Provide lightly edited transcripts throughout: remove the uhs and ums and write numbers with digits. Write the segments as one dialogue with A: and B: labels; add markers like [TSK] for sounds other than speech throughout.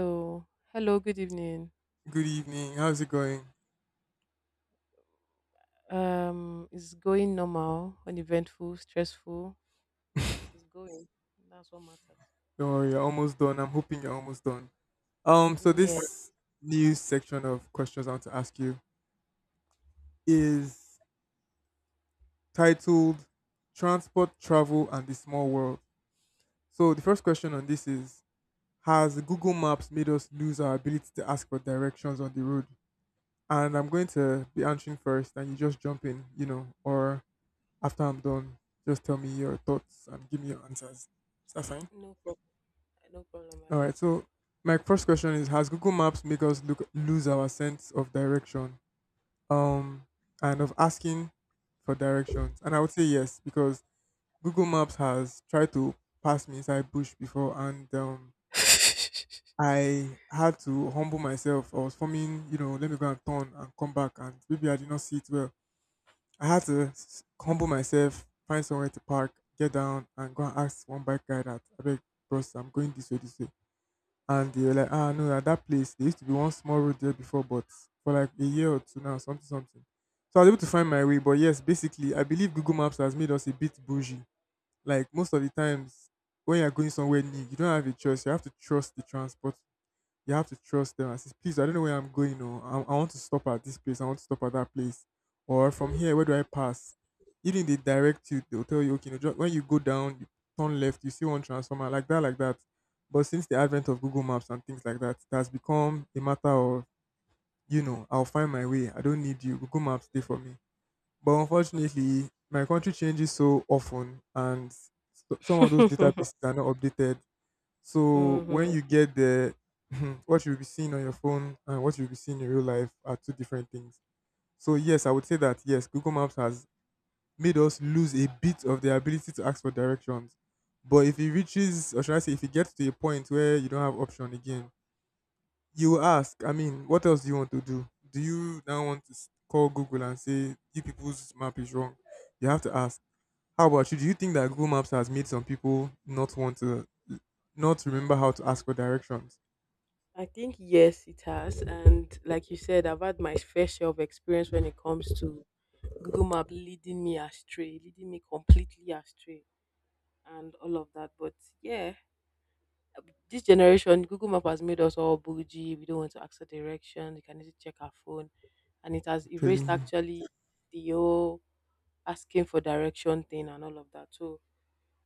A: So, hello, good evening.
B: Good evening. How's it going?
A: It's going normal, uneventful, stressful, but it's going. That's what matters.
B: Don't worry, you're almost done. I'm hoping you're almost done. So
A: Yes,
B: this new section of questions I want to ask you is titled Transport, Travel, and the Small World. So the first question on this is: Has Google Maps made us lose our ability to ask for directions on the road? And I'm going to be answering first and you just jump in, or after I'm done, just tell me your thoughts and give me your answers. Is that fine?
A: no problem. No problem. I
B: All
A: got
B: right. So my first question is: Has Google Maps make us look lose our sense of direction, um, and of asking for directions? And I would say yes, because Google Maps has tried to pass me inside bush before, and I had to humble myself. I was forming, let me go and turn and come back, and maybe I did not see it well. I had to humble myself, find somewhere to park, get down, and go and ask one bike guy that I beg, bros, I'm going this way, this way. And they were like, ah, no, at that place, there used to be one small road there before, but for like a year or two now, something, something. So I was able to find my way. But yes, basically, I believe Google Maps has made us a bit bougie. Like most of the times when you're going somewhere new, you don't have a choice. You have to trust the transport, you have to trust them. I says, please, I don't know where I'm going. No, I want to stop at this place. I want to stop at that place. Or from here, where do I pass? Even if they direct you, they'll tell you, okay, no, when you go down, you turn left, you see one transformer, like that, like that. But since the advent of Google Maps and things like that, it has become a matter of, I'll find my way. I don't need you. Google Maps, stay for me. But unfortunately, my country changes so often and some of those
A: you.
B: databases are not updated
A: [LAUGHS]
B: so
A: Hmm.
B: when you get there, [LAUGHS] what you'll be seeing on your phone and what you'll be seeing in real life are two different things. So yes, I would say that yes, Google Maps has made us lose a bit of the ability to ask for directions. But if it reaches, or should I say, if it gets to a point where you don't have option again, you will ask. I mean, what else do you want to do? Do you now want to call Google and say you people's map is wrong? You have to ask. How about you? Do you think that Google Maps has made some people not want to not remember how to ask for directions?
A: I think yes, it has, and like you said, I've had my fair share of experience when it comes to Google Map leading me astray, leading me completely astray, and all of that. But yeah, this generation, Google Map has made us all bougie. We don't want to ask for direction. We can easily check our phone, and it has
B: Telling
A: erased
B: you,
A: actually the whole asking for direction thing and all of that. So,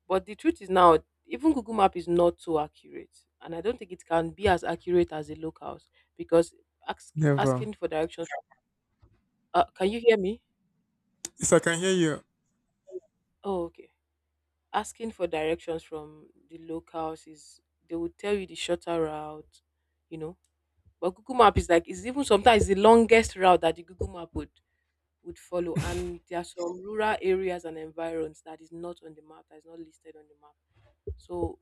A: but the truth is now, even Google Map is not so accurate, and I don't think it can be as accurate as the locals because
B: never.
A: asking for directions. Can you hear me?
B: Yes, I can hear you.
A: Oh, okay. Asking for directions from the locals is they will tell you the shorter route, you know. But Google Map is like it's even sometimes the longest route that the Google Map would follow. And there are some rural areas and environs that is not on the map, that is not listed on the map. So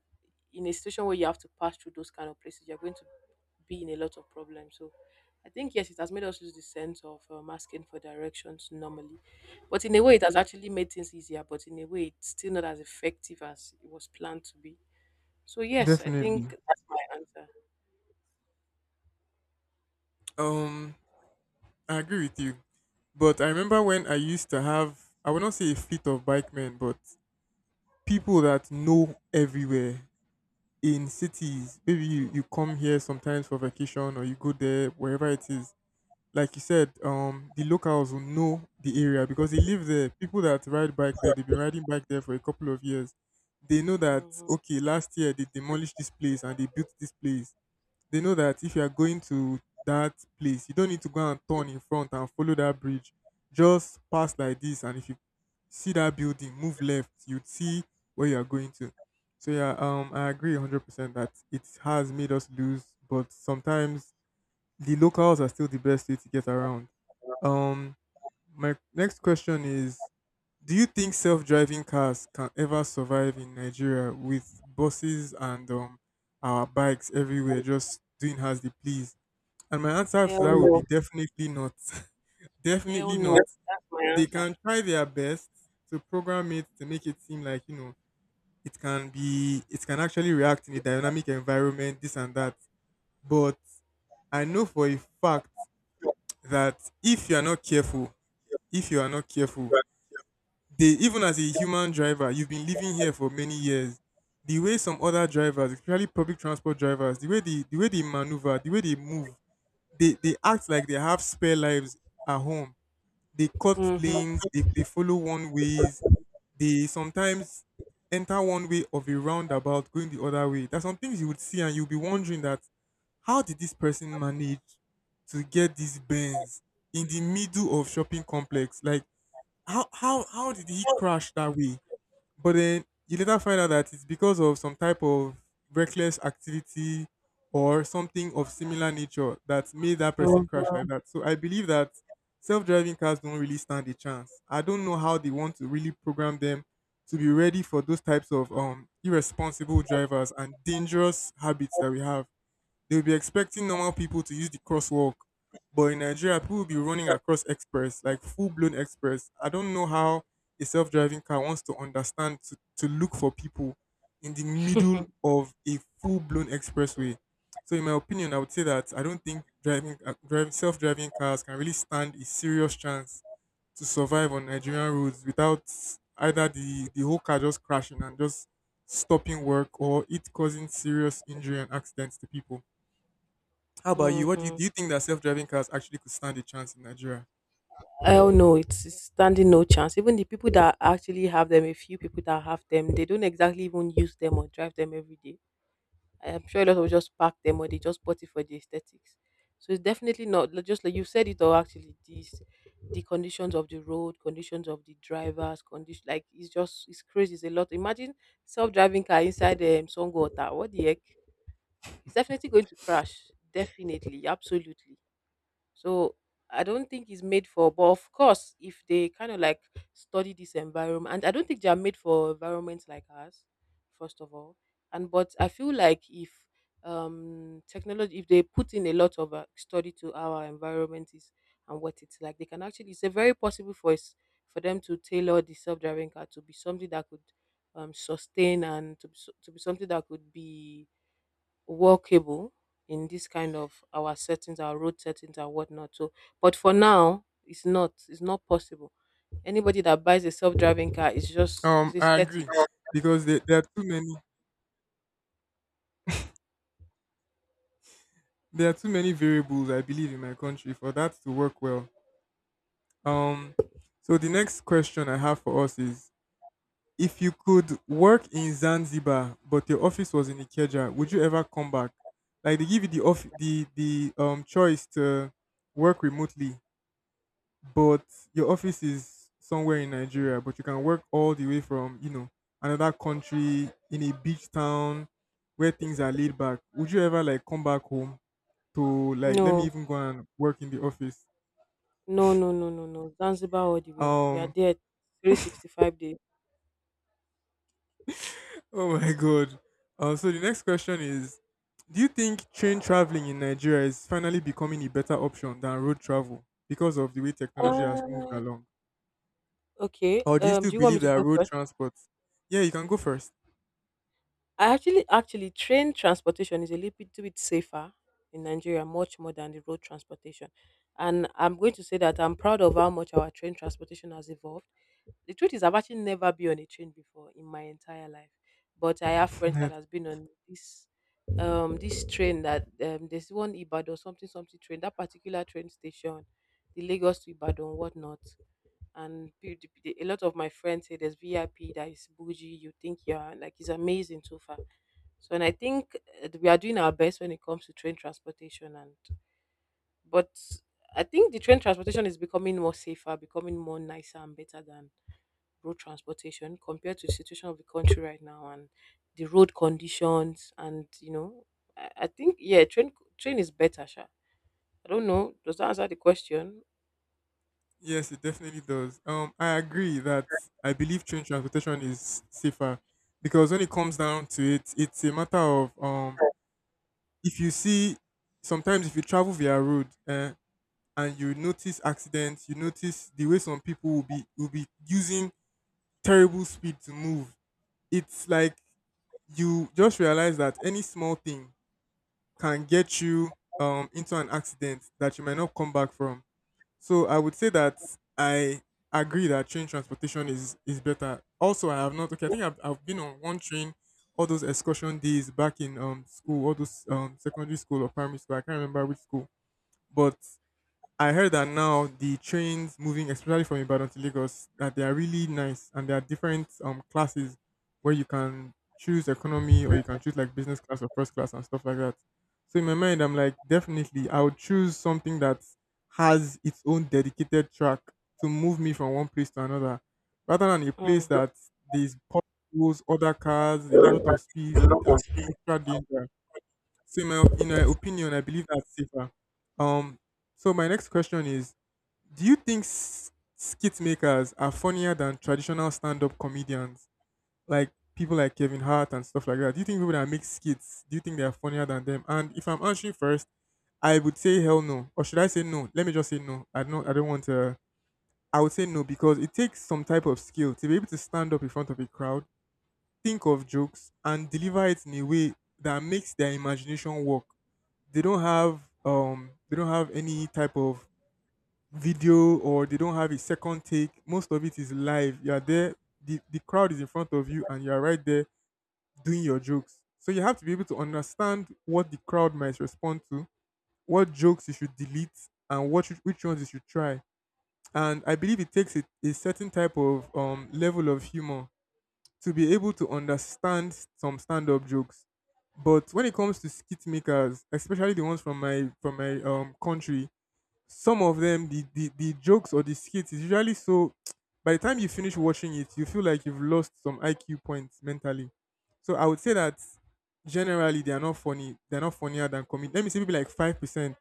A: in a situation where you have to pass through those kind of places, you're going to be in a lot of problems. So I think yes, it has made us lose the sense of asking for directions normally, but in a way it has actually made things easier. But in a way, it's still not as effective as it was planned to be. So yes, I
B: Definitely.
A: think that's my answer.
B: Um, I agree with you. But I remember when I used to have, I would not say a fleet of bike men, but people that know everywhere in cities. Maybe you come here sometimes for vacation or you go there, wherever it is. Like you said, the locals will know the area because they live there. People that ride bike there, they've been riding bike there for a couple of years. They know that,
A: Mhm.
B: okay, last year they demolished this place and they built this place. They know that if you are going to that place, you don't need to go and turn in front and follow that bridge. Just pass like this, and if you see that building, move left, you'd see where you are going to. So yeah, I agree 100% that it has made us lose, but sometimes the locals are still the best way to get around. Um, my next question is: Do you think self-driving cars can ever survive in Nigeria with buses and our bikes everywhere just doing as they please? And my answer to
A: Hell
B: that would be
A: no.
B: definitely not. [LAUGHS]
A: Hell
B: Definitely
A: no.
B: not.
A: That's my
B: They
A: answer.
B: can try their best to program it to make it seem like, it can actually react in a dynamic environment, this and that. But I know for a fact that if you are not careful, if you are not careful, they even as a human driver, you've been living here for many years. The way some other drivers, especially public transport drivers, the way they maneuver, the way they move, they act like they have spare lives at home. They cut
A: Mm-hmm,
B: lanes, they follow one ways, they sometimes enter one way of a roundabout going the other way. There's some things you would see and you'll be wondering that how did this person manage to get these bends in the middle of shopping complex? Like how did he crash that way? But then you later find out that it's because of some type of reckless activity or something of similar nature that made that person crash
A: mm-hmm,
B: like that. So I believe that self-driving cars don't really stand a chance. I don't know how they want to really program them to be ready for those types of irresponsible drivers and dangerous habits that we have. They will be expecting normal people to use the crosswalk, but in Nigeria, people will be running across express, like full blown express. I don't know how a self driving car wants to understand to, look for people in the middle of a full blown expressway. So, in my opinion, I would say that I don't think self driving cars can really stand a serious chance to survive on Nigerian roads without either the whole car just crashing and just stopping work or it causing serious injury and accidents to people. How about you? What
A: mm-hmm.
B: do? You think that self-driving cars actually could stand a chance in Nigeria?
A: Hell no, it's standing [LAUGHS] no chance. Even the people that actually have them, a few people that have them, they don't exactly even use them or drive them every day. I'm sure a lot of just pack them or they just bought it for the aesthetics. So it's definitely not like- just like you said it all actually this, the conditions of the road, conditions of the drivers, condition like it's just it's crazy, it's a lot. Imagine self driving car inside Songo Ota. What the heck? It's definitely going to crash. Definitely, absolutely. So I don't think it's made for. But of course, if they kind of like study this environment, and I don't think they are made for environments like ours, first of all. And but I feel like if technology, if they put in a lot of study to our environment is and what it's like, they can actually. It's a very possible for us for them to tailor the self-driving car to be something that could sustain and to be, so- to be something that could be workable in this kind of our settings, our road settings and whatnot. So, but for now, it's not. It's not possible. Anybody that buys a self-driving car is just is
B: I
A: aesthetic.
B: agree because there are too many variables I believe in my country for that to work well. Um, so the next question I have for us is: If you could work in Zanzibar but your office was in Ikeja, would you ever come back? Like they give you the off the choice to work remotely but your office is somewhere in Nigeria, but you can work all the way from, another country in a beach town where things are laid back. Would you ever like come back home to like let me
A: No,
B: even go and work in the office?
A: no, no, no, no, no. Zanzibar all the way. We are
B: Um
A: there 365 days.
B: [LAUGHS] oh my god. So the next question is: do you think train traveling in Nigeria is finally becoming a better option than road travel because of the way technology has moved
A: Uh,
B: along?
A: okay.
B: Or do you still
A: Do you want
B: believe
A: me to
B: that
A: go
B: road
A: first?
B: transport? Yeah, you can go first.
A: Actually, train transportation is a little bit, bit safer in Nigeria, much more than the road transportation. And I'm going to say that I'm proud of how much our train transportation has evolved. The truth is I've actually never been on a train before in my entire life. But I have friends that has
B: [LAUGHS]
A: been on this this train that there's one Ibadan something something train, that particular train station, the Lagos to Ibadan, whatnot. And a lot of my friends say there's VIP that is bougie, you think you're like it's amazing so far. So and I think we are doing our best when it comes to train transportation and but I think the train transportation is becoming more safer, becoming more nicer and better than road transportation compared to the situation of the country right now and the road conditions and you know I think yeah train is better sha. I don't know, does that answer the question?
B: Yes, it definitely does. I agree that I believe train transportation is safer because when it comes down to it, it's a matter of if you see sometimes if you travel via road and you notice accidents, you notice the way some people will be using terrible speed to move. It's like you just realize that any small thing can get you into an accident that you might not come back from. So I would say that I agree that train transportation is better. Also, I have not okay. I think I've been on one train, all those excursion days back in school, all those secondary school or primary school. I can't remember which school, but I heard that now the trains moving, especially from Ibadan to Lagos, that they are really nice and there are different classes where you can choose economy or you can choose like business class or first class and stuff like that. So in my mind, I'm like, definitely, I would choose something that has its own dedicated track to move me from one place to another, rather than a place
A: Mm.
B: that there's potholes, other cars, a lot of speed, and extra danger. So in my opinion, I believe that's safer. Um, so my next question is: Do you think skit makers are funnier than traditional stand-up comedians, like people like Kevin Hart and stuff like that? Do you think people that make skits, do you think they are funnier than them? And if I'm answering first, I would say hell no, or should I say no? Let me just say no. I don't. I don't want to. I would say no because it takes some type of skill to be able to stand up in front of a crowd think of jokes and deliver it in a way that makes their imagination work. They don't have any type of video, or they don't have a second take. Most of it is live. You are there, the crowd is in front of you and you are right there doing your jokes. So you have to be able to understand what the crowd might respond to, what jokes you should delete and which ones you should try. And I believe it takes a certain type of level of humor to be able to understand some stand-up jokes. But when it comes to skit makers, especially the ones from my country, some of them the jokes or the skits is usually so [TSK] by the time you finish watching it, you feel like you've lost some IQ points mentally. So I would say that generally they are not funny. They're not funnier than comedy. Let me say maybe like 5%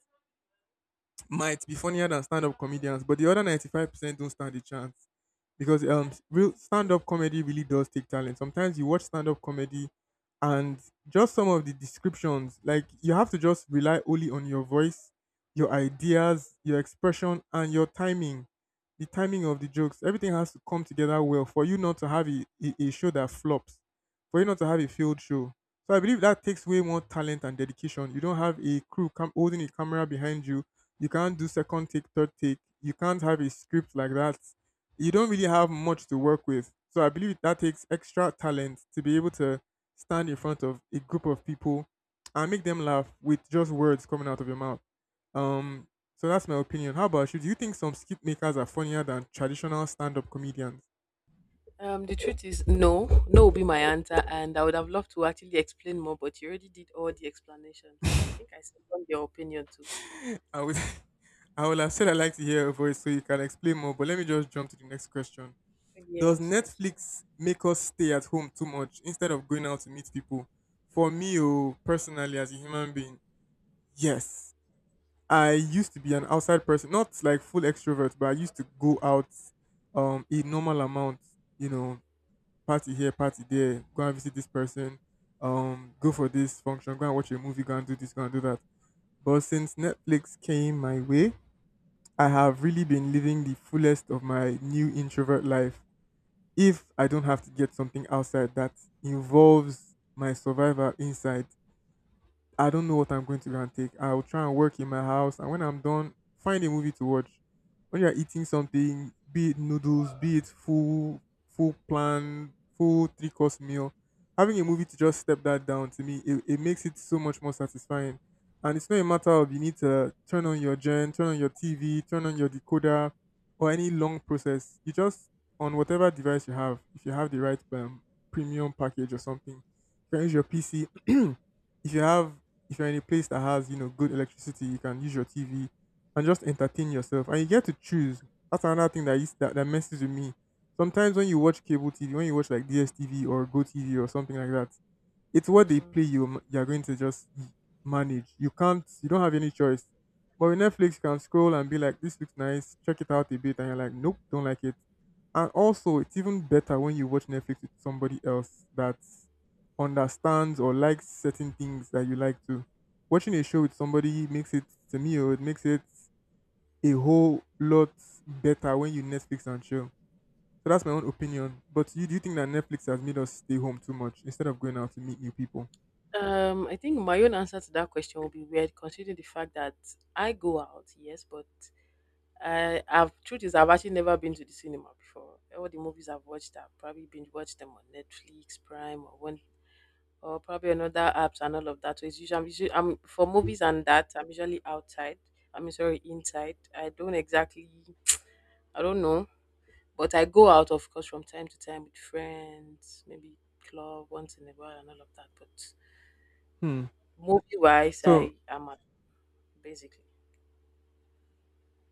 B: might be funnier than stand-up comedians, but the other 95% don't stand a chance because real stand-up comedy really does take talent. Sometimes you watch stand-up comedy and just some of the descriptions, like you have to just rely only on your voice, your ideas, your expression, and your timing, the timing of the jokes. Everything has to come together well for you not to have a show that flops, for you not to have a failed show. So I believe that takes way more talent and dedication. You don't have a holding a camera behind you. You can't do second take, third take. You can't have a script like that. You don't really have much to work with. So I believe that takes extra talent to be able to stand in front of a group of people and make them laugh with just words coming out of your mouth. Um, so that's my opinion. How about you? Do you think some skit makers are funnier than traditional stand-up comedians?
A: The truth is no, no will be my answer, and I would have loved to actually explain more, but you already did all the explanation, so I think I second your opinion too.
B: [LAUGHS] I would, [LAUGHS] I would have said I like to hear a voice so you can explain more. But let me just jump to the next question. Does
A: Yes, thank you.
B: Netflix make us stay at home too much instead of going out to meet people? For me, oh, personally, as a human being, yes. I used to be an outside person, not like full extrovert, but I used to go out a normal amount, you know, party here, party there, go and visit this person, go for this function, go and watch a movie, go and do this, go and do that. But since Netflix came my way, I have really been living the fullest of my new introvert life. If I don't have to get something outside that involves my survival inside, I don't know what I'm going to go and take. I'll try and work in my house, and when I'm done, find a movie to watch. When you're eating something, be it noodles, be it full plan, full three course meal, having a movie to just step that down, to me, it makes it so much more satisfying. And it's not a matter of you need to turn on your gen, turn on your TV, turn on your decoder, or any long process. You just, on whatever device you have, if you have the right premium package or something, you can use your PC. [CLEARS THROAT] If you have, if you're in a place that has, you know, good electricity, you can use your TV and just entertain yourself. And you get to choose. That's another thing that messes with me. Sometimes when you watch cable TV, when you watch like DSTV or GoTV or something like that, it's what they
A: Mhm.
B: play, you're going to just manage. You don't have any choice. But with Netflix, you can scroll and be like, this looks nice, check it out a bit, and you're like, nope, don't like it. And also it's even better when you watch Netflix with somebody else that understands or likes certain things that you like to. Watching a show with somebody makes it, to me, or it makes it a whole lot better when you Netflix and chill. So that's my own opinion. But you do you think that Netflix has made us stay home too much instead of going out to meet new people?
A: I think my own answer to that question will be weird, considering the fact that I go out, yes, but I have truth is I've actually never been to the cinema before. All the movies I've watched, I've probably binge watched them on Netflix, Prime, or one or probably another apps and all of that. So it's usually I'm for movies and that I'm usually outside. I'm sorry, inside. I don't exactly I don't know. But I go out of course from time to time with friends, maybe club once in a while and all of that. But
B: Hmm.
A: movie wise
B: So,
A: I am at basically.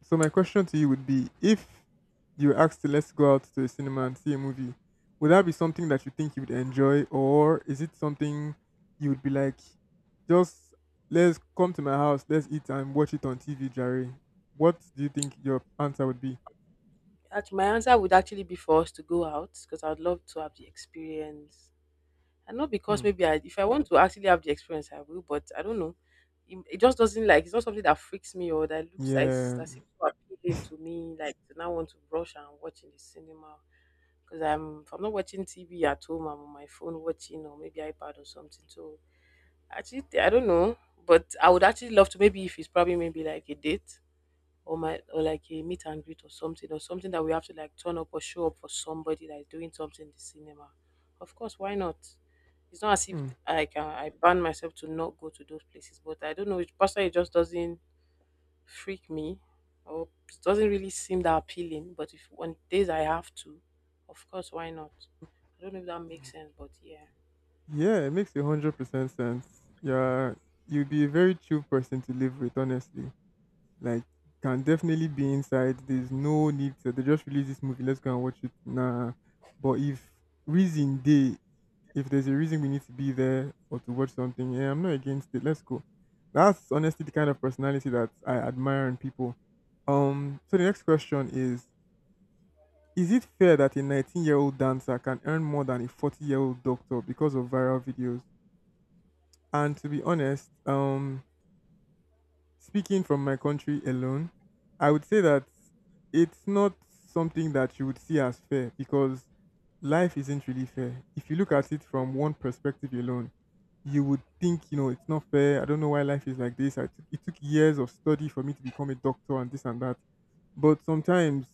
B: so my question to you would be: if you were asked to, let's go out to a cinema and see a movie, would that be something that you think you would enjoy, or is it something you would be like, just, let's come to my house, let's eat and watch it on TV, Jerry? What do you think your answer would be?
A: Actually, my answer would actually be for us to go out because I'd love to have the experience. And not because
B: Hmm.
A: maybe I, if I want to actually have the experience, I will. But I don't know. It, just doesn't like. It's not something that freaks me or that looks like
B: Yeah,
A: that seems so appealing to me. Like to now want to rush and watch in the cinema because I'm if I'm not watching TV at home, I'm on my phone watching or maybe iPad or something. So actually, I don't know. But I would actually love to maybe if it's probably maybe like a date or my or like a meet and greet or something that we have to like turn up or show up for somebody that is doing something in the cinema. Of course, why not? It's not as if
B: hmm.
A: I can I ban myself to not go to those places, but I don't know. It personally it just doesn't freak me, or it doesn't really seem that appealing. But if on days I have to, of course, why not? I don't know if that makes sense, but yeah.
B: Yeah, it makes 100% sense. Yeah, you'd be a very chill person to live with, honestly. Like, can definitely be inside. There's no need to, they just release this movie, let's go and watch it. Nah. But if reason day, if there's a reason we need to be there or to watch something, yeah, I'm not against it. Let's go. That's honestly the kind of personality that I admire in people. So the next question is it fair that a 19-year-old dancer can earn more than a 40-year-old doctor because of viral videos? And to be honest, speaking from my country alone, I would say that it's not something that you would see as fair because life isn't really fair. If you look at it from one perspective alone, you would think, you know, it's not fair. I don't know why life is like this. It took years of study for me to become a doctor and this and that. But sometimes,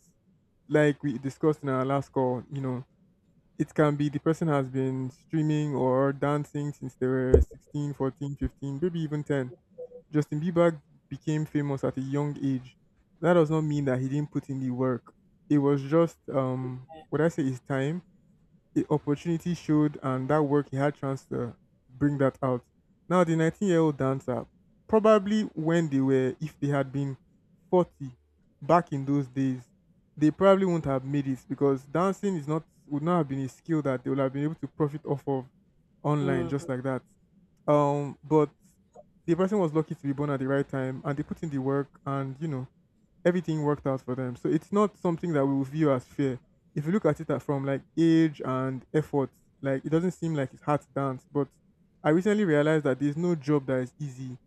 B: like we discussed in our last call, you know, it can be the person has been streaming or dancing since they were 16, 14, 15, maybe even 10. Justin Bieber became famous at a young age. That does not mean that he didn't put in the work. It was just what I say is time. The opportunity showed and that work, he had chance to bring that out. Now the 19-year-old dancer, probably when they were, if they had been 40 back in those days, they probably wouldn't have made it because dancing is not would not have been a skill that they would have been able to profit off of online
A: Hmm.
B: just like that. But the person was lucky to be born at the right time and they put in the work, and you know, everything worked out for them. So it's not something that we will view as fair if you look at it from like age and effort. Like, it doesn't seem like it's hard to dance, but I recently realized that there's no job that is easy.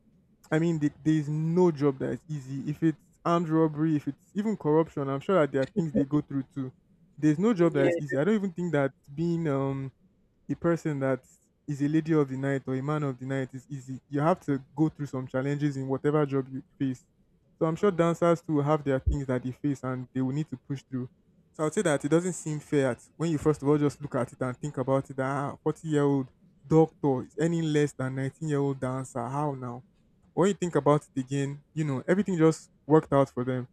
B: I mean, there is no job that is easy. If it's armed robbery, if it's even corruption, I'm sure that there are things they go through too. There's no job that
A: Yeah.
B: is easy. I don't even think that being a person that is a lady of the night or a man of the night is easy. You have to go through some challenges in whatever job you face. So I'm sure
A: Mm.
B: dancers too have their things that they face and they will need to push through. So I would say that it doesn't seem fair when you first of all just look at it and think about it, that ah, 40-year-old doctor is any less than 19 year old dancer. How now? When you think about it again, you know, everything just worked out for them,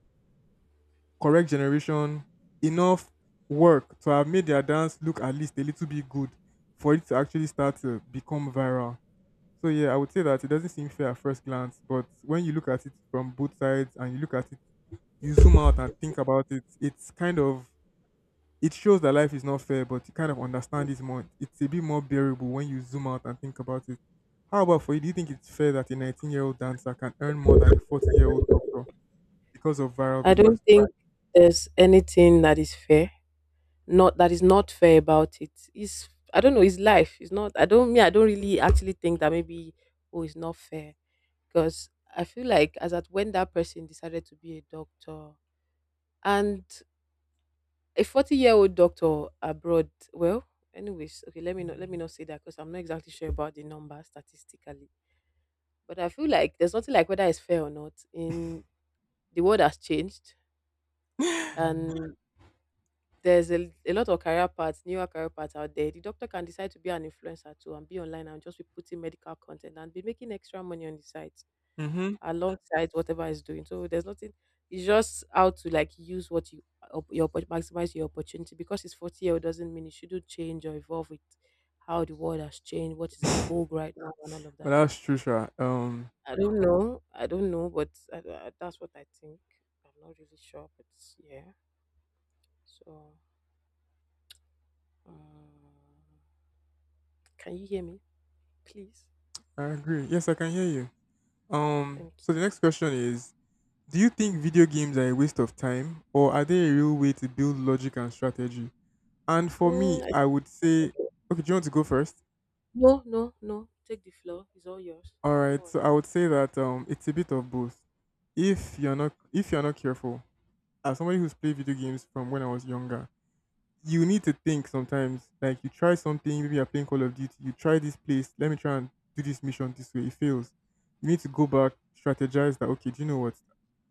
B: correct generation, enough work to have made their dance look at least a little bit good for it to actually start to become viral. So yeah, I would say that it doesn't seem fair at first glance, but when you look at it from both sides and you look at it, you zoom out and think about it, it's kind of, it shows that life is not fair, but you kind of understand it more. It's a bit more bearable when you zoom out and think about it. How about for you? Do you think it's fair that a 19-year-old dancer can earn more than a 40-year-old doctor because of viral
A: I
B: videos?
A: don't think there's anything that is fair not that is not fair about it. It's I don't know, it's life. It's not I don't me, I don't really actually think that maybe oh it's not fair. Because I feel like as at when that person decided to be a doctor and a 40-year-old doctor abroad, well, anyways, okay, let me not say that because I'm not exactly sure about the number statistically. But I feel like there's nothing like whether it's fair or not. In the world has changed. Mm. And there's a lot of career paths, newer career paths out there. The doctor can decide to be an influencer too and be online and just be putting medical content and be making extra money on the site
B: [LAUGHS] Hmm.
A: alongside whatever he's doing. So there's nothing. It's just how to like use what you maximize your opportunity because it's 40-year-old doesn't mean you shouldn't change or evolve with how the world has changed, what is in vogue right now, and all of
B: Well,
A: that. So
B: that's true, Sha.
A: I don't know. I don't know, but that's what I think. I'm not really sure, but yeah. So. Um, Can you hear me, please?
B: I agree. Yes, I can hear you.
A: Thank you.
B: So the next question is: do you think video games are a waste of time, or are they a real way to build logic and strategy? And for me,
A: Mm, I-
B: I would say,
A: okay.
B: okay, do you want to go first?
A: No, no, no. Take the floor. It's all yours.
B: All
A: Go
B: right.
A: on.
B: So I would say that it's a bit of both. If you're not careful, as somebody who's played video games from when I was younger, you need to think sometimes. Like, you try something, maybe you're playing Call of Duty, you try this place, let me try and do this mission this way. It fails. You need to go back, strategize that, okay, do you know what?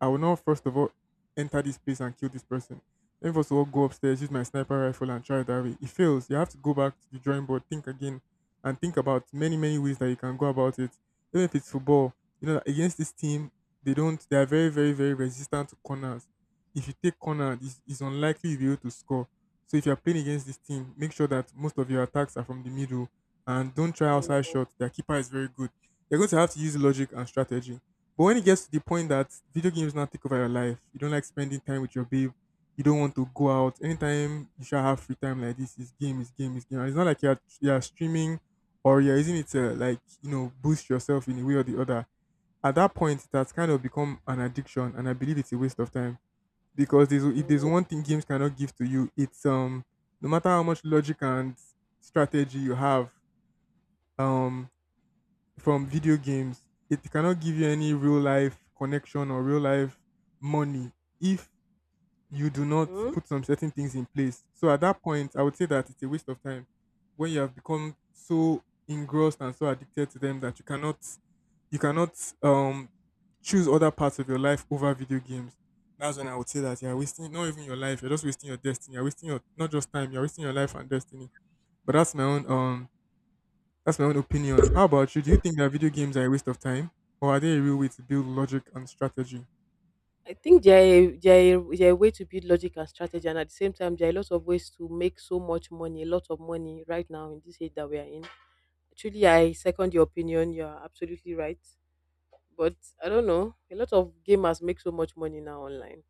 B: I will now first of all enter this place and kill this person. Then first of all go upstairs, use my sniper rifle and try it that way. It fails. You have to go back to the drawing board, think again, and think about many, many ways that you can go about it. Even if it's football, you know, against this team, they don't they are very, very, very resistant to corners. If you take corner, it's unlikely you'll be able to score, so if you're playing against this team, make sure that most of your attacks are from the middle and don't try outside
A: Mm,
B: shots. Their keeper is very good. You're going to have to use logic and strategy. But when it gets to the point that video games now take over your life, you don't like spending time with your babe, you don't want to go out. Anytime you shall have free time like this, is game, is game, is game. And it's not like you're streaming or you're using it to, like, you know, boost yourself in a way or the other. At that point, that's kind of become an addiction, and I believe it's a waste of time because there's if there's
A: mm,
B: one thing games cannot give to you, it's no matter how much logic and strategy you have um from video games, it cannot give you any real life connection or real life money if you do not
A: mm.
B: put some certain things in place. So at that point, I would say that it's a waste of time when you have become so engrossed and so addicted to them that you cannot um choose other parts of your life over video games. That's when I would say that you're wasting not even your life, you're just wasting your destiny. You're wasting your, not just time, you're wasting your life and destiny. But that's my own, that's my own opinion. How about you? Do you think that video games are a waste of time? Or are they a real way to build logic and strategy?
A: I think there are way to build logic and strategy, and at the same time, there are lots of ways to make so much money, a lot of money right now in this age that we are in. Actually, I second your opinion. You are absolutely right. But I don't know. A lot of gamers make so much money now online.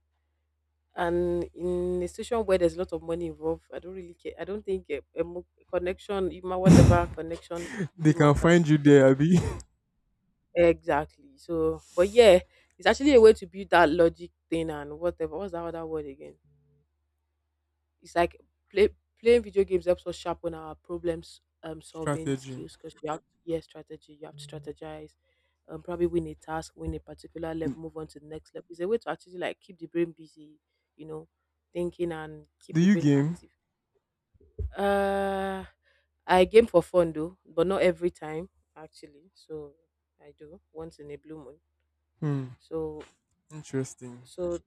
A: And in a situation where there's a lot of money involved, I don't really care. I don't think connection, even whatever connection,
B: They
A: really
B: can
A: matters.
B: find you there, Abby.
A: Exactly. So, but yeah, it's actually a way to build that logic thing and whatever. What's that other word again? It's like play, playing video games helps us sharpen our problems
B: [LAUGHS]
A: solving
B: Strategy.
A: skills because you have yeah strategy. You have to strategize. Probably win a task, win a particular level, move on to the next level. It's a way to actually like keep the brain busy, you know, thinking and keep
B: Do
A: the
B: you
A: brain
B: game?
A: active. Uh, I game for fun though, but not every time actually. So I do once in a blue moon.
B: Hmm.
A: So
B: Interesting.
A: so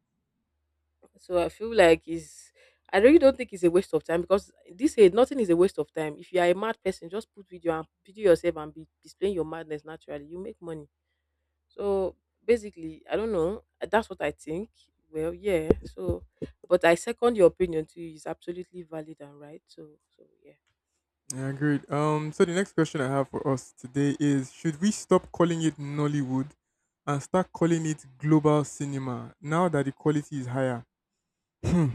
A: I feel like it's I really don't think it's a waste of time because this age nothing is a waste of time. If you are a mad person, just put video and video yourself and be displaying your madness naturally. You make money. So basically, I don't know. That's what I think. Well, yeah. So, but I second your opinion too. It's absolutely valid and right.
B: Yeah, I agree. So the next question I have for us today is: should we stop calling it Nollywood and start calling it global cinema now that the quality is higher? Hmm.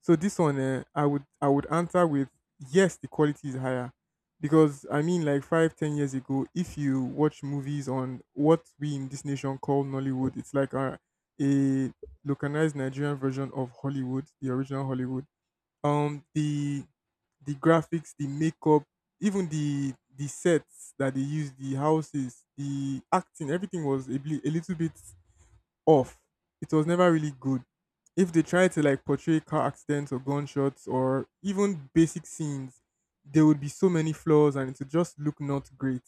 B: So this one, I would answer with yes, the quality is higher because, I mean, like 5 10 years ago, if you watch movies on what we in this nation call Nollywood, it's like a localized Nigerian version of Hollywood, the original Hollywood. um the the graphics, the makeup, even the sets that they used, the houses, the acting, everything was a, a little bit off. It was never really good. If they tried to like portray car accidents or gunshots or even basic scenes, there would be so many flaws and it would just look not great.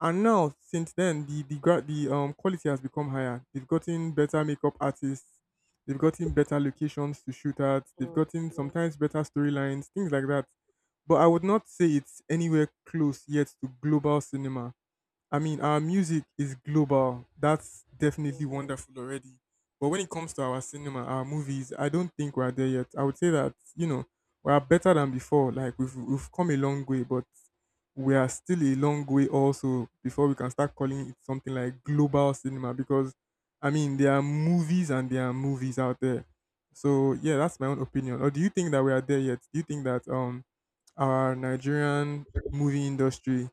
B: And now, since then, the the quality has become higher. They've gotten better makeup artists. They've gotten better locations to shoot at. They've
A: Mm,
B: gotten
A: mm,
B: sometimes better storylines, things like that. But I would not say it's anywhere close yet to global cinema. I mean, our music is global. That's definitely
A: mhm.
B: wonderful already. But when it comes to our cinema, our movies, I don't think we're there yet. I would say that, you know, we are better than before. Like, we've come a long way, but we are still a long way also before we can start calling it something like global cinema because, I mean, there are movies and there are movies out there. So, yeah, that's my own opinion. Or do you think that we are there yet? Do you think that our Nigerian movie industry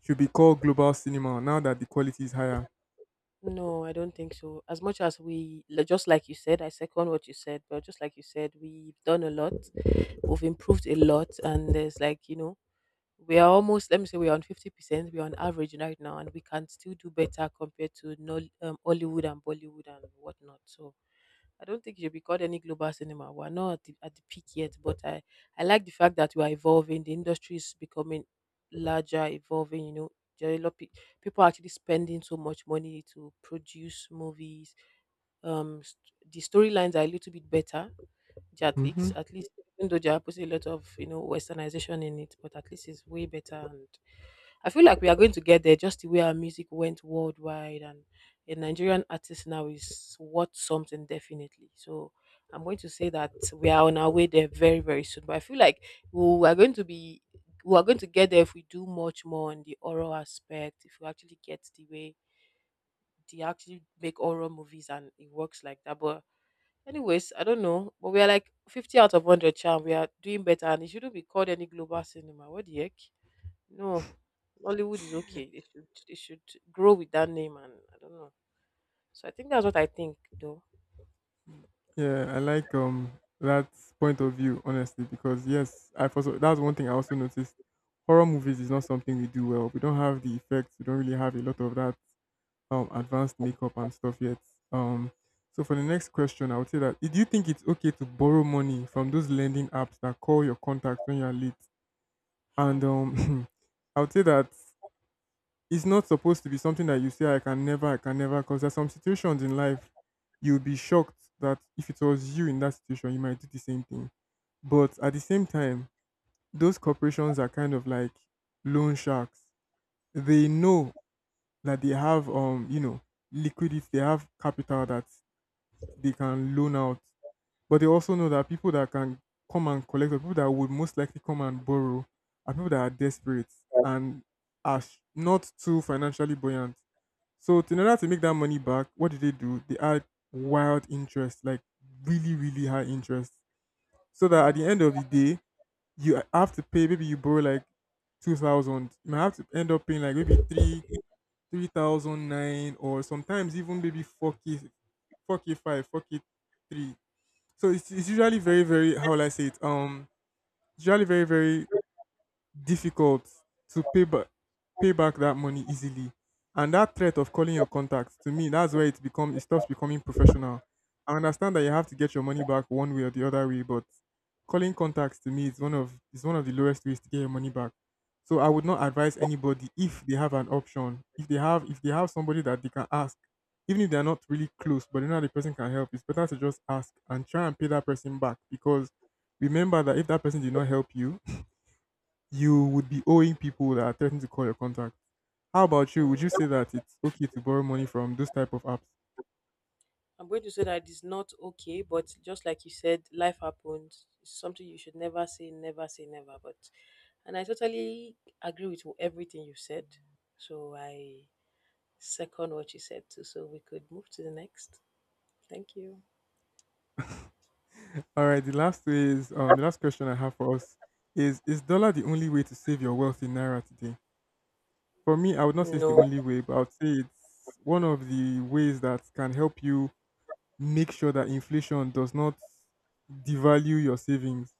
B: should be called global cinema now that the quality is higher?
A: No, I don't think so. As much as just like you said, I second what you said, but just like you said, we've done a lot, we've improved a lot, and there's like, you know, we are almost, let me say we're on 50%, we're on average right now and we can still do better compared to no, Hollywood and Bollywood and whatnot. So I don't think it should be called any global cinema. We're not at the peak yet, but I like the fact that we are evolving. The industry is becoming larger, evolving, you know. There are a lot pe- People are actually spending so much money to produce movies. The storylines are a little bit better, at
B: Hmm.
A: least at least even though there are a lot of, you know, westernization in it, but at least it's way better. And I feel like we are going to get there, just the way our music went worldwide, and a Nigerian artist now is worth something definitely. So I'm going to say that we are on our way there very, very soon. But I feel like we are going to be we are going to get there if we do much more on the oral aspect. If we actually get the way they actually make oral movies and it works like that. But anyways, I don't know, but we are like 50 out of 100 charm. We are doing better, and it shouldn't be called any global cinema. What the heck? No, Hollywood is okay. They should grow with that name, and I don't know. So I think that's what I think, though.
B: Yeah, I like that point of view honestly because, yes, I also, that's one thing I also noticed. Horror movies is not something we do well. We don't have the effects. We don't really have a lot of that advanced makeup and stuff yet. Um, so for the next question, I would say that, do you think it's okay to borrow money from those lending apps that call your contacts when you are late?
A: Huh.
B: And [LAUGHS] I would say that it's not supposed to be something that you say I can never, because there's some situations in life you'll be shocked that if it was you in that situation, you might do the same thing. But at the same time, those corporations are kind of like loan sharks. They know that they have, you know, liquidity, they have capital that they can loan out. But they also know that people that can come and collect, or people that would most likely come and borrow, are people that are desperate and are not too financially buoyant, so in order to make that money back, what did they do? They add wild interest, like really, really high interest. So that at the end of
A: Mhm.
B: the day, you have to pay, maybe you borrow like 2,000. You might have to end up paying like maybe three, three thousand nine, or sometimes even maybe 4K, four K five, 4K three. So it's usually very, very, how will I say it? Usually very, very difficult to pay back that money easily. And that threat of calling your contacts, to me, that's where it stops becoming professional. I understand that you have to get your money back one way or the other way, but calling contacts, to me, is one of the lowest ways to get your money back. So I would not advise anybody, if they have an option, if they have somebody that they can ask, even if they are not really close, but you know the person can help, it's better to just ask and try and pay that person back because remember that if that person did not help you, you would be owing people that are threatening to call your contact. How about you? Would you
A: Mm.
B: say that it's okay to borrow money from those type of apps?
A: I'm going to say that it's not okay, but just like you said, life happens. It's something you should never say, never say, never. But, and I totally agree with everything you said. So I second what you said too. So we could move to the next. Thank you.
B: [LAUGHS] All right. The last way is, the last question I have for us is: is dollar the only way to save your wealth in naira today? For me, I would not say it's the
A: No,
B: only way, but I would say it's one of the ways that can help you make sure that inflation does not devalue your savings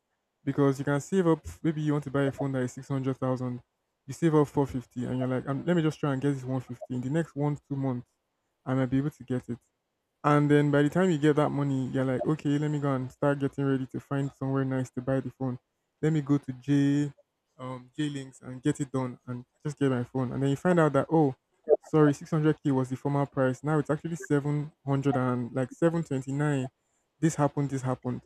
B: because you can save up, maybe you want to buy a phone that is 600,000, you save up 450 and you're like, let me just try and get this 150 in the next 1 2 months, I might be able to get it." And then by the time you get that money, you're like, okay, let me go and start getting ready to find somewhere nice to buy the phone. Let me go to J Links and get it done and just get my phone. And then you find out that, oh, sorry, 600K was the former price. Now it's actually 700 and like 729. This happened. This happened.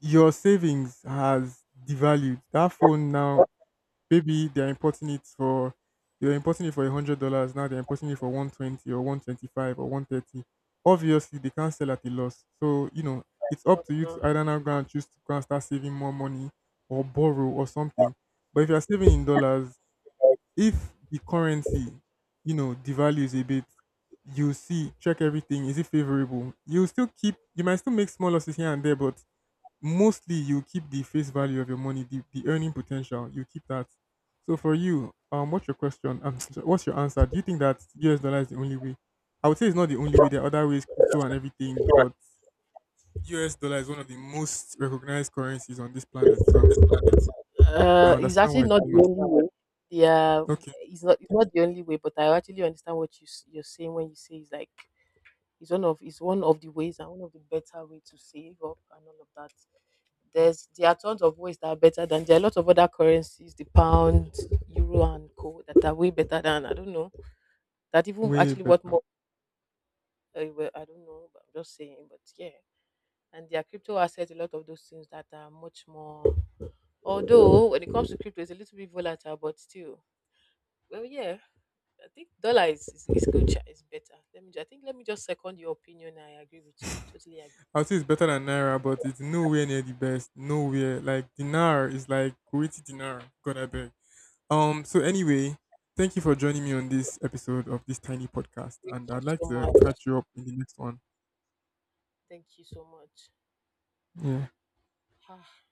B: Your savings has devalued. That phone now, maybe they were importing it for $100. Now they're importing it for 120 or 125 or 130. Obviously, they can't sell at a loss. So, you know, it's up to you to either now go and choose to go and start saving more money or borrow or something. But if you're saving in dollars, if the currency, you know, devalues a bit, you see, check everything. Is it favorable? You still keep. You might still make small losses here and there, but mostly you keep the face value of your money, the earning potential, you keep that. So for you, what's your question? [LAUGHS] What's your answer? Do you think that US dollar is the only way? I would say it's not the only way. There are other ways, crypto and everything, but US dollar is one of the most recognized currencies on this planet. So I
A: it's
B: understand
A: actually
B: why it's
A: not the
B: famous.
A: only way. Yeah,
B: Okay,
A: it's not. It's not the only way. But I actually understand what you're saying when you say it's like it's one of the ways and one of the better way to save up and all of that. There are tons of ways that are better than, there are a lot of other currencies, the pound, euro, and co that are way better than, I don't know, that even
B: way
A: actually what
B: better.
A: more. I don't know. But I'm just saying. But yeah, and there are crypto assets, a lot of those things that are much more. Although when it comes to crypto, it's a little bit volatile, but still, well, yeah, I think dollar is good. Sha, it's better. I think let me just second your opinion. I agree with you. Totally agree
B: I would say
A: with
B: it's better than Naira, but it's nowhere near the best. Nowhere. Like dinar, is like Kuwaiti dinar. God, I beg. So anyway, thank you for joining me on this episode of this tiny podcast,
A: you.
B: and
A: Thank
B: I'd like
A: you so
B: to
A: much.
B: catch you up in the next one.
A: Thank you so much.
B: Yeah.
A: Ah.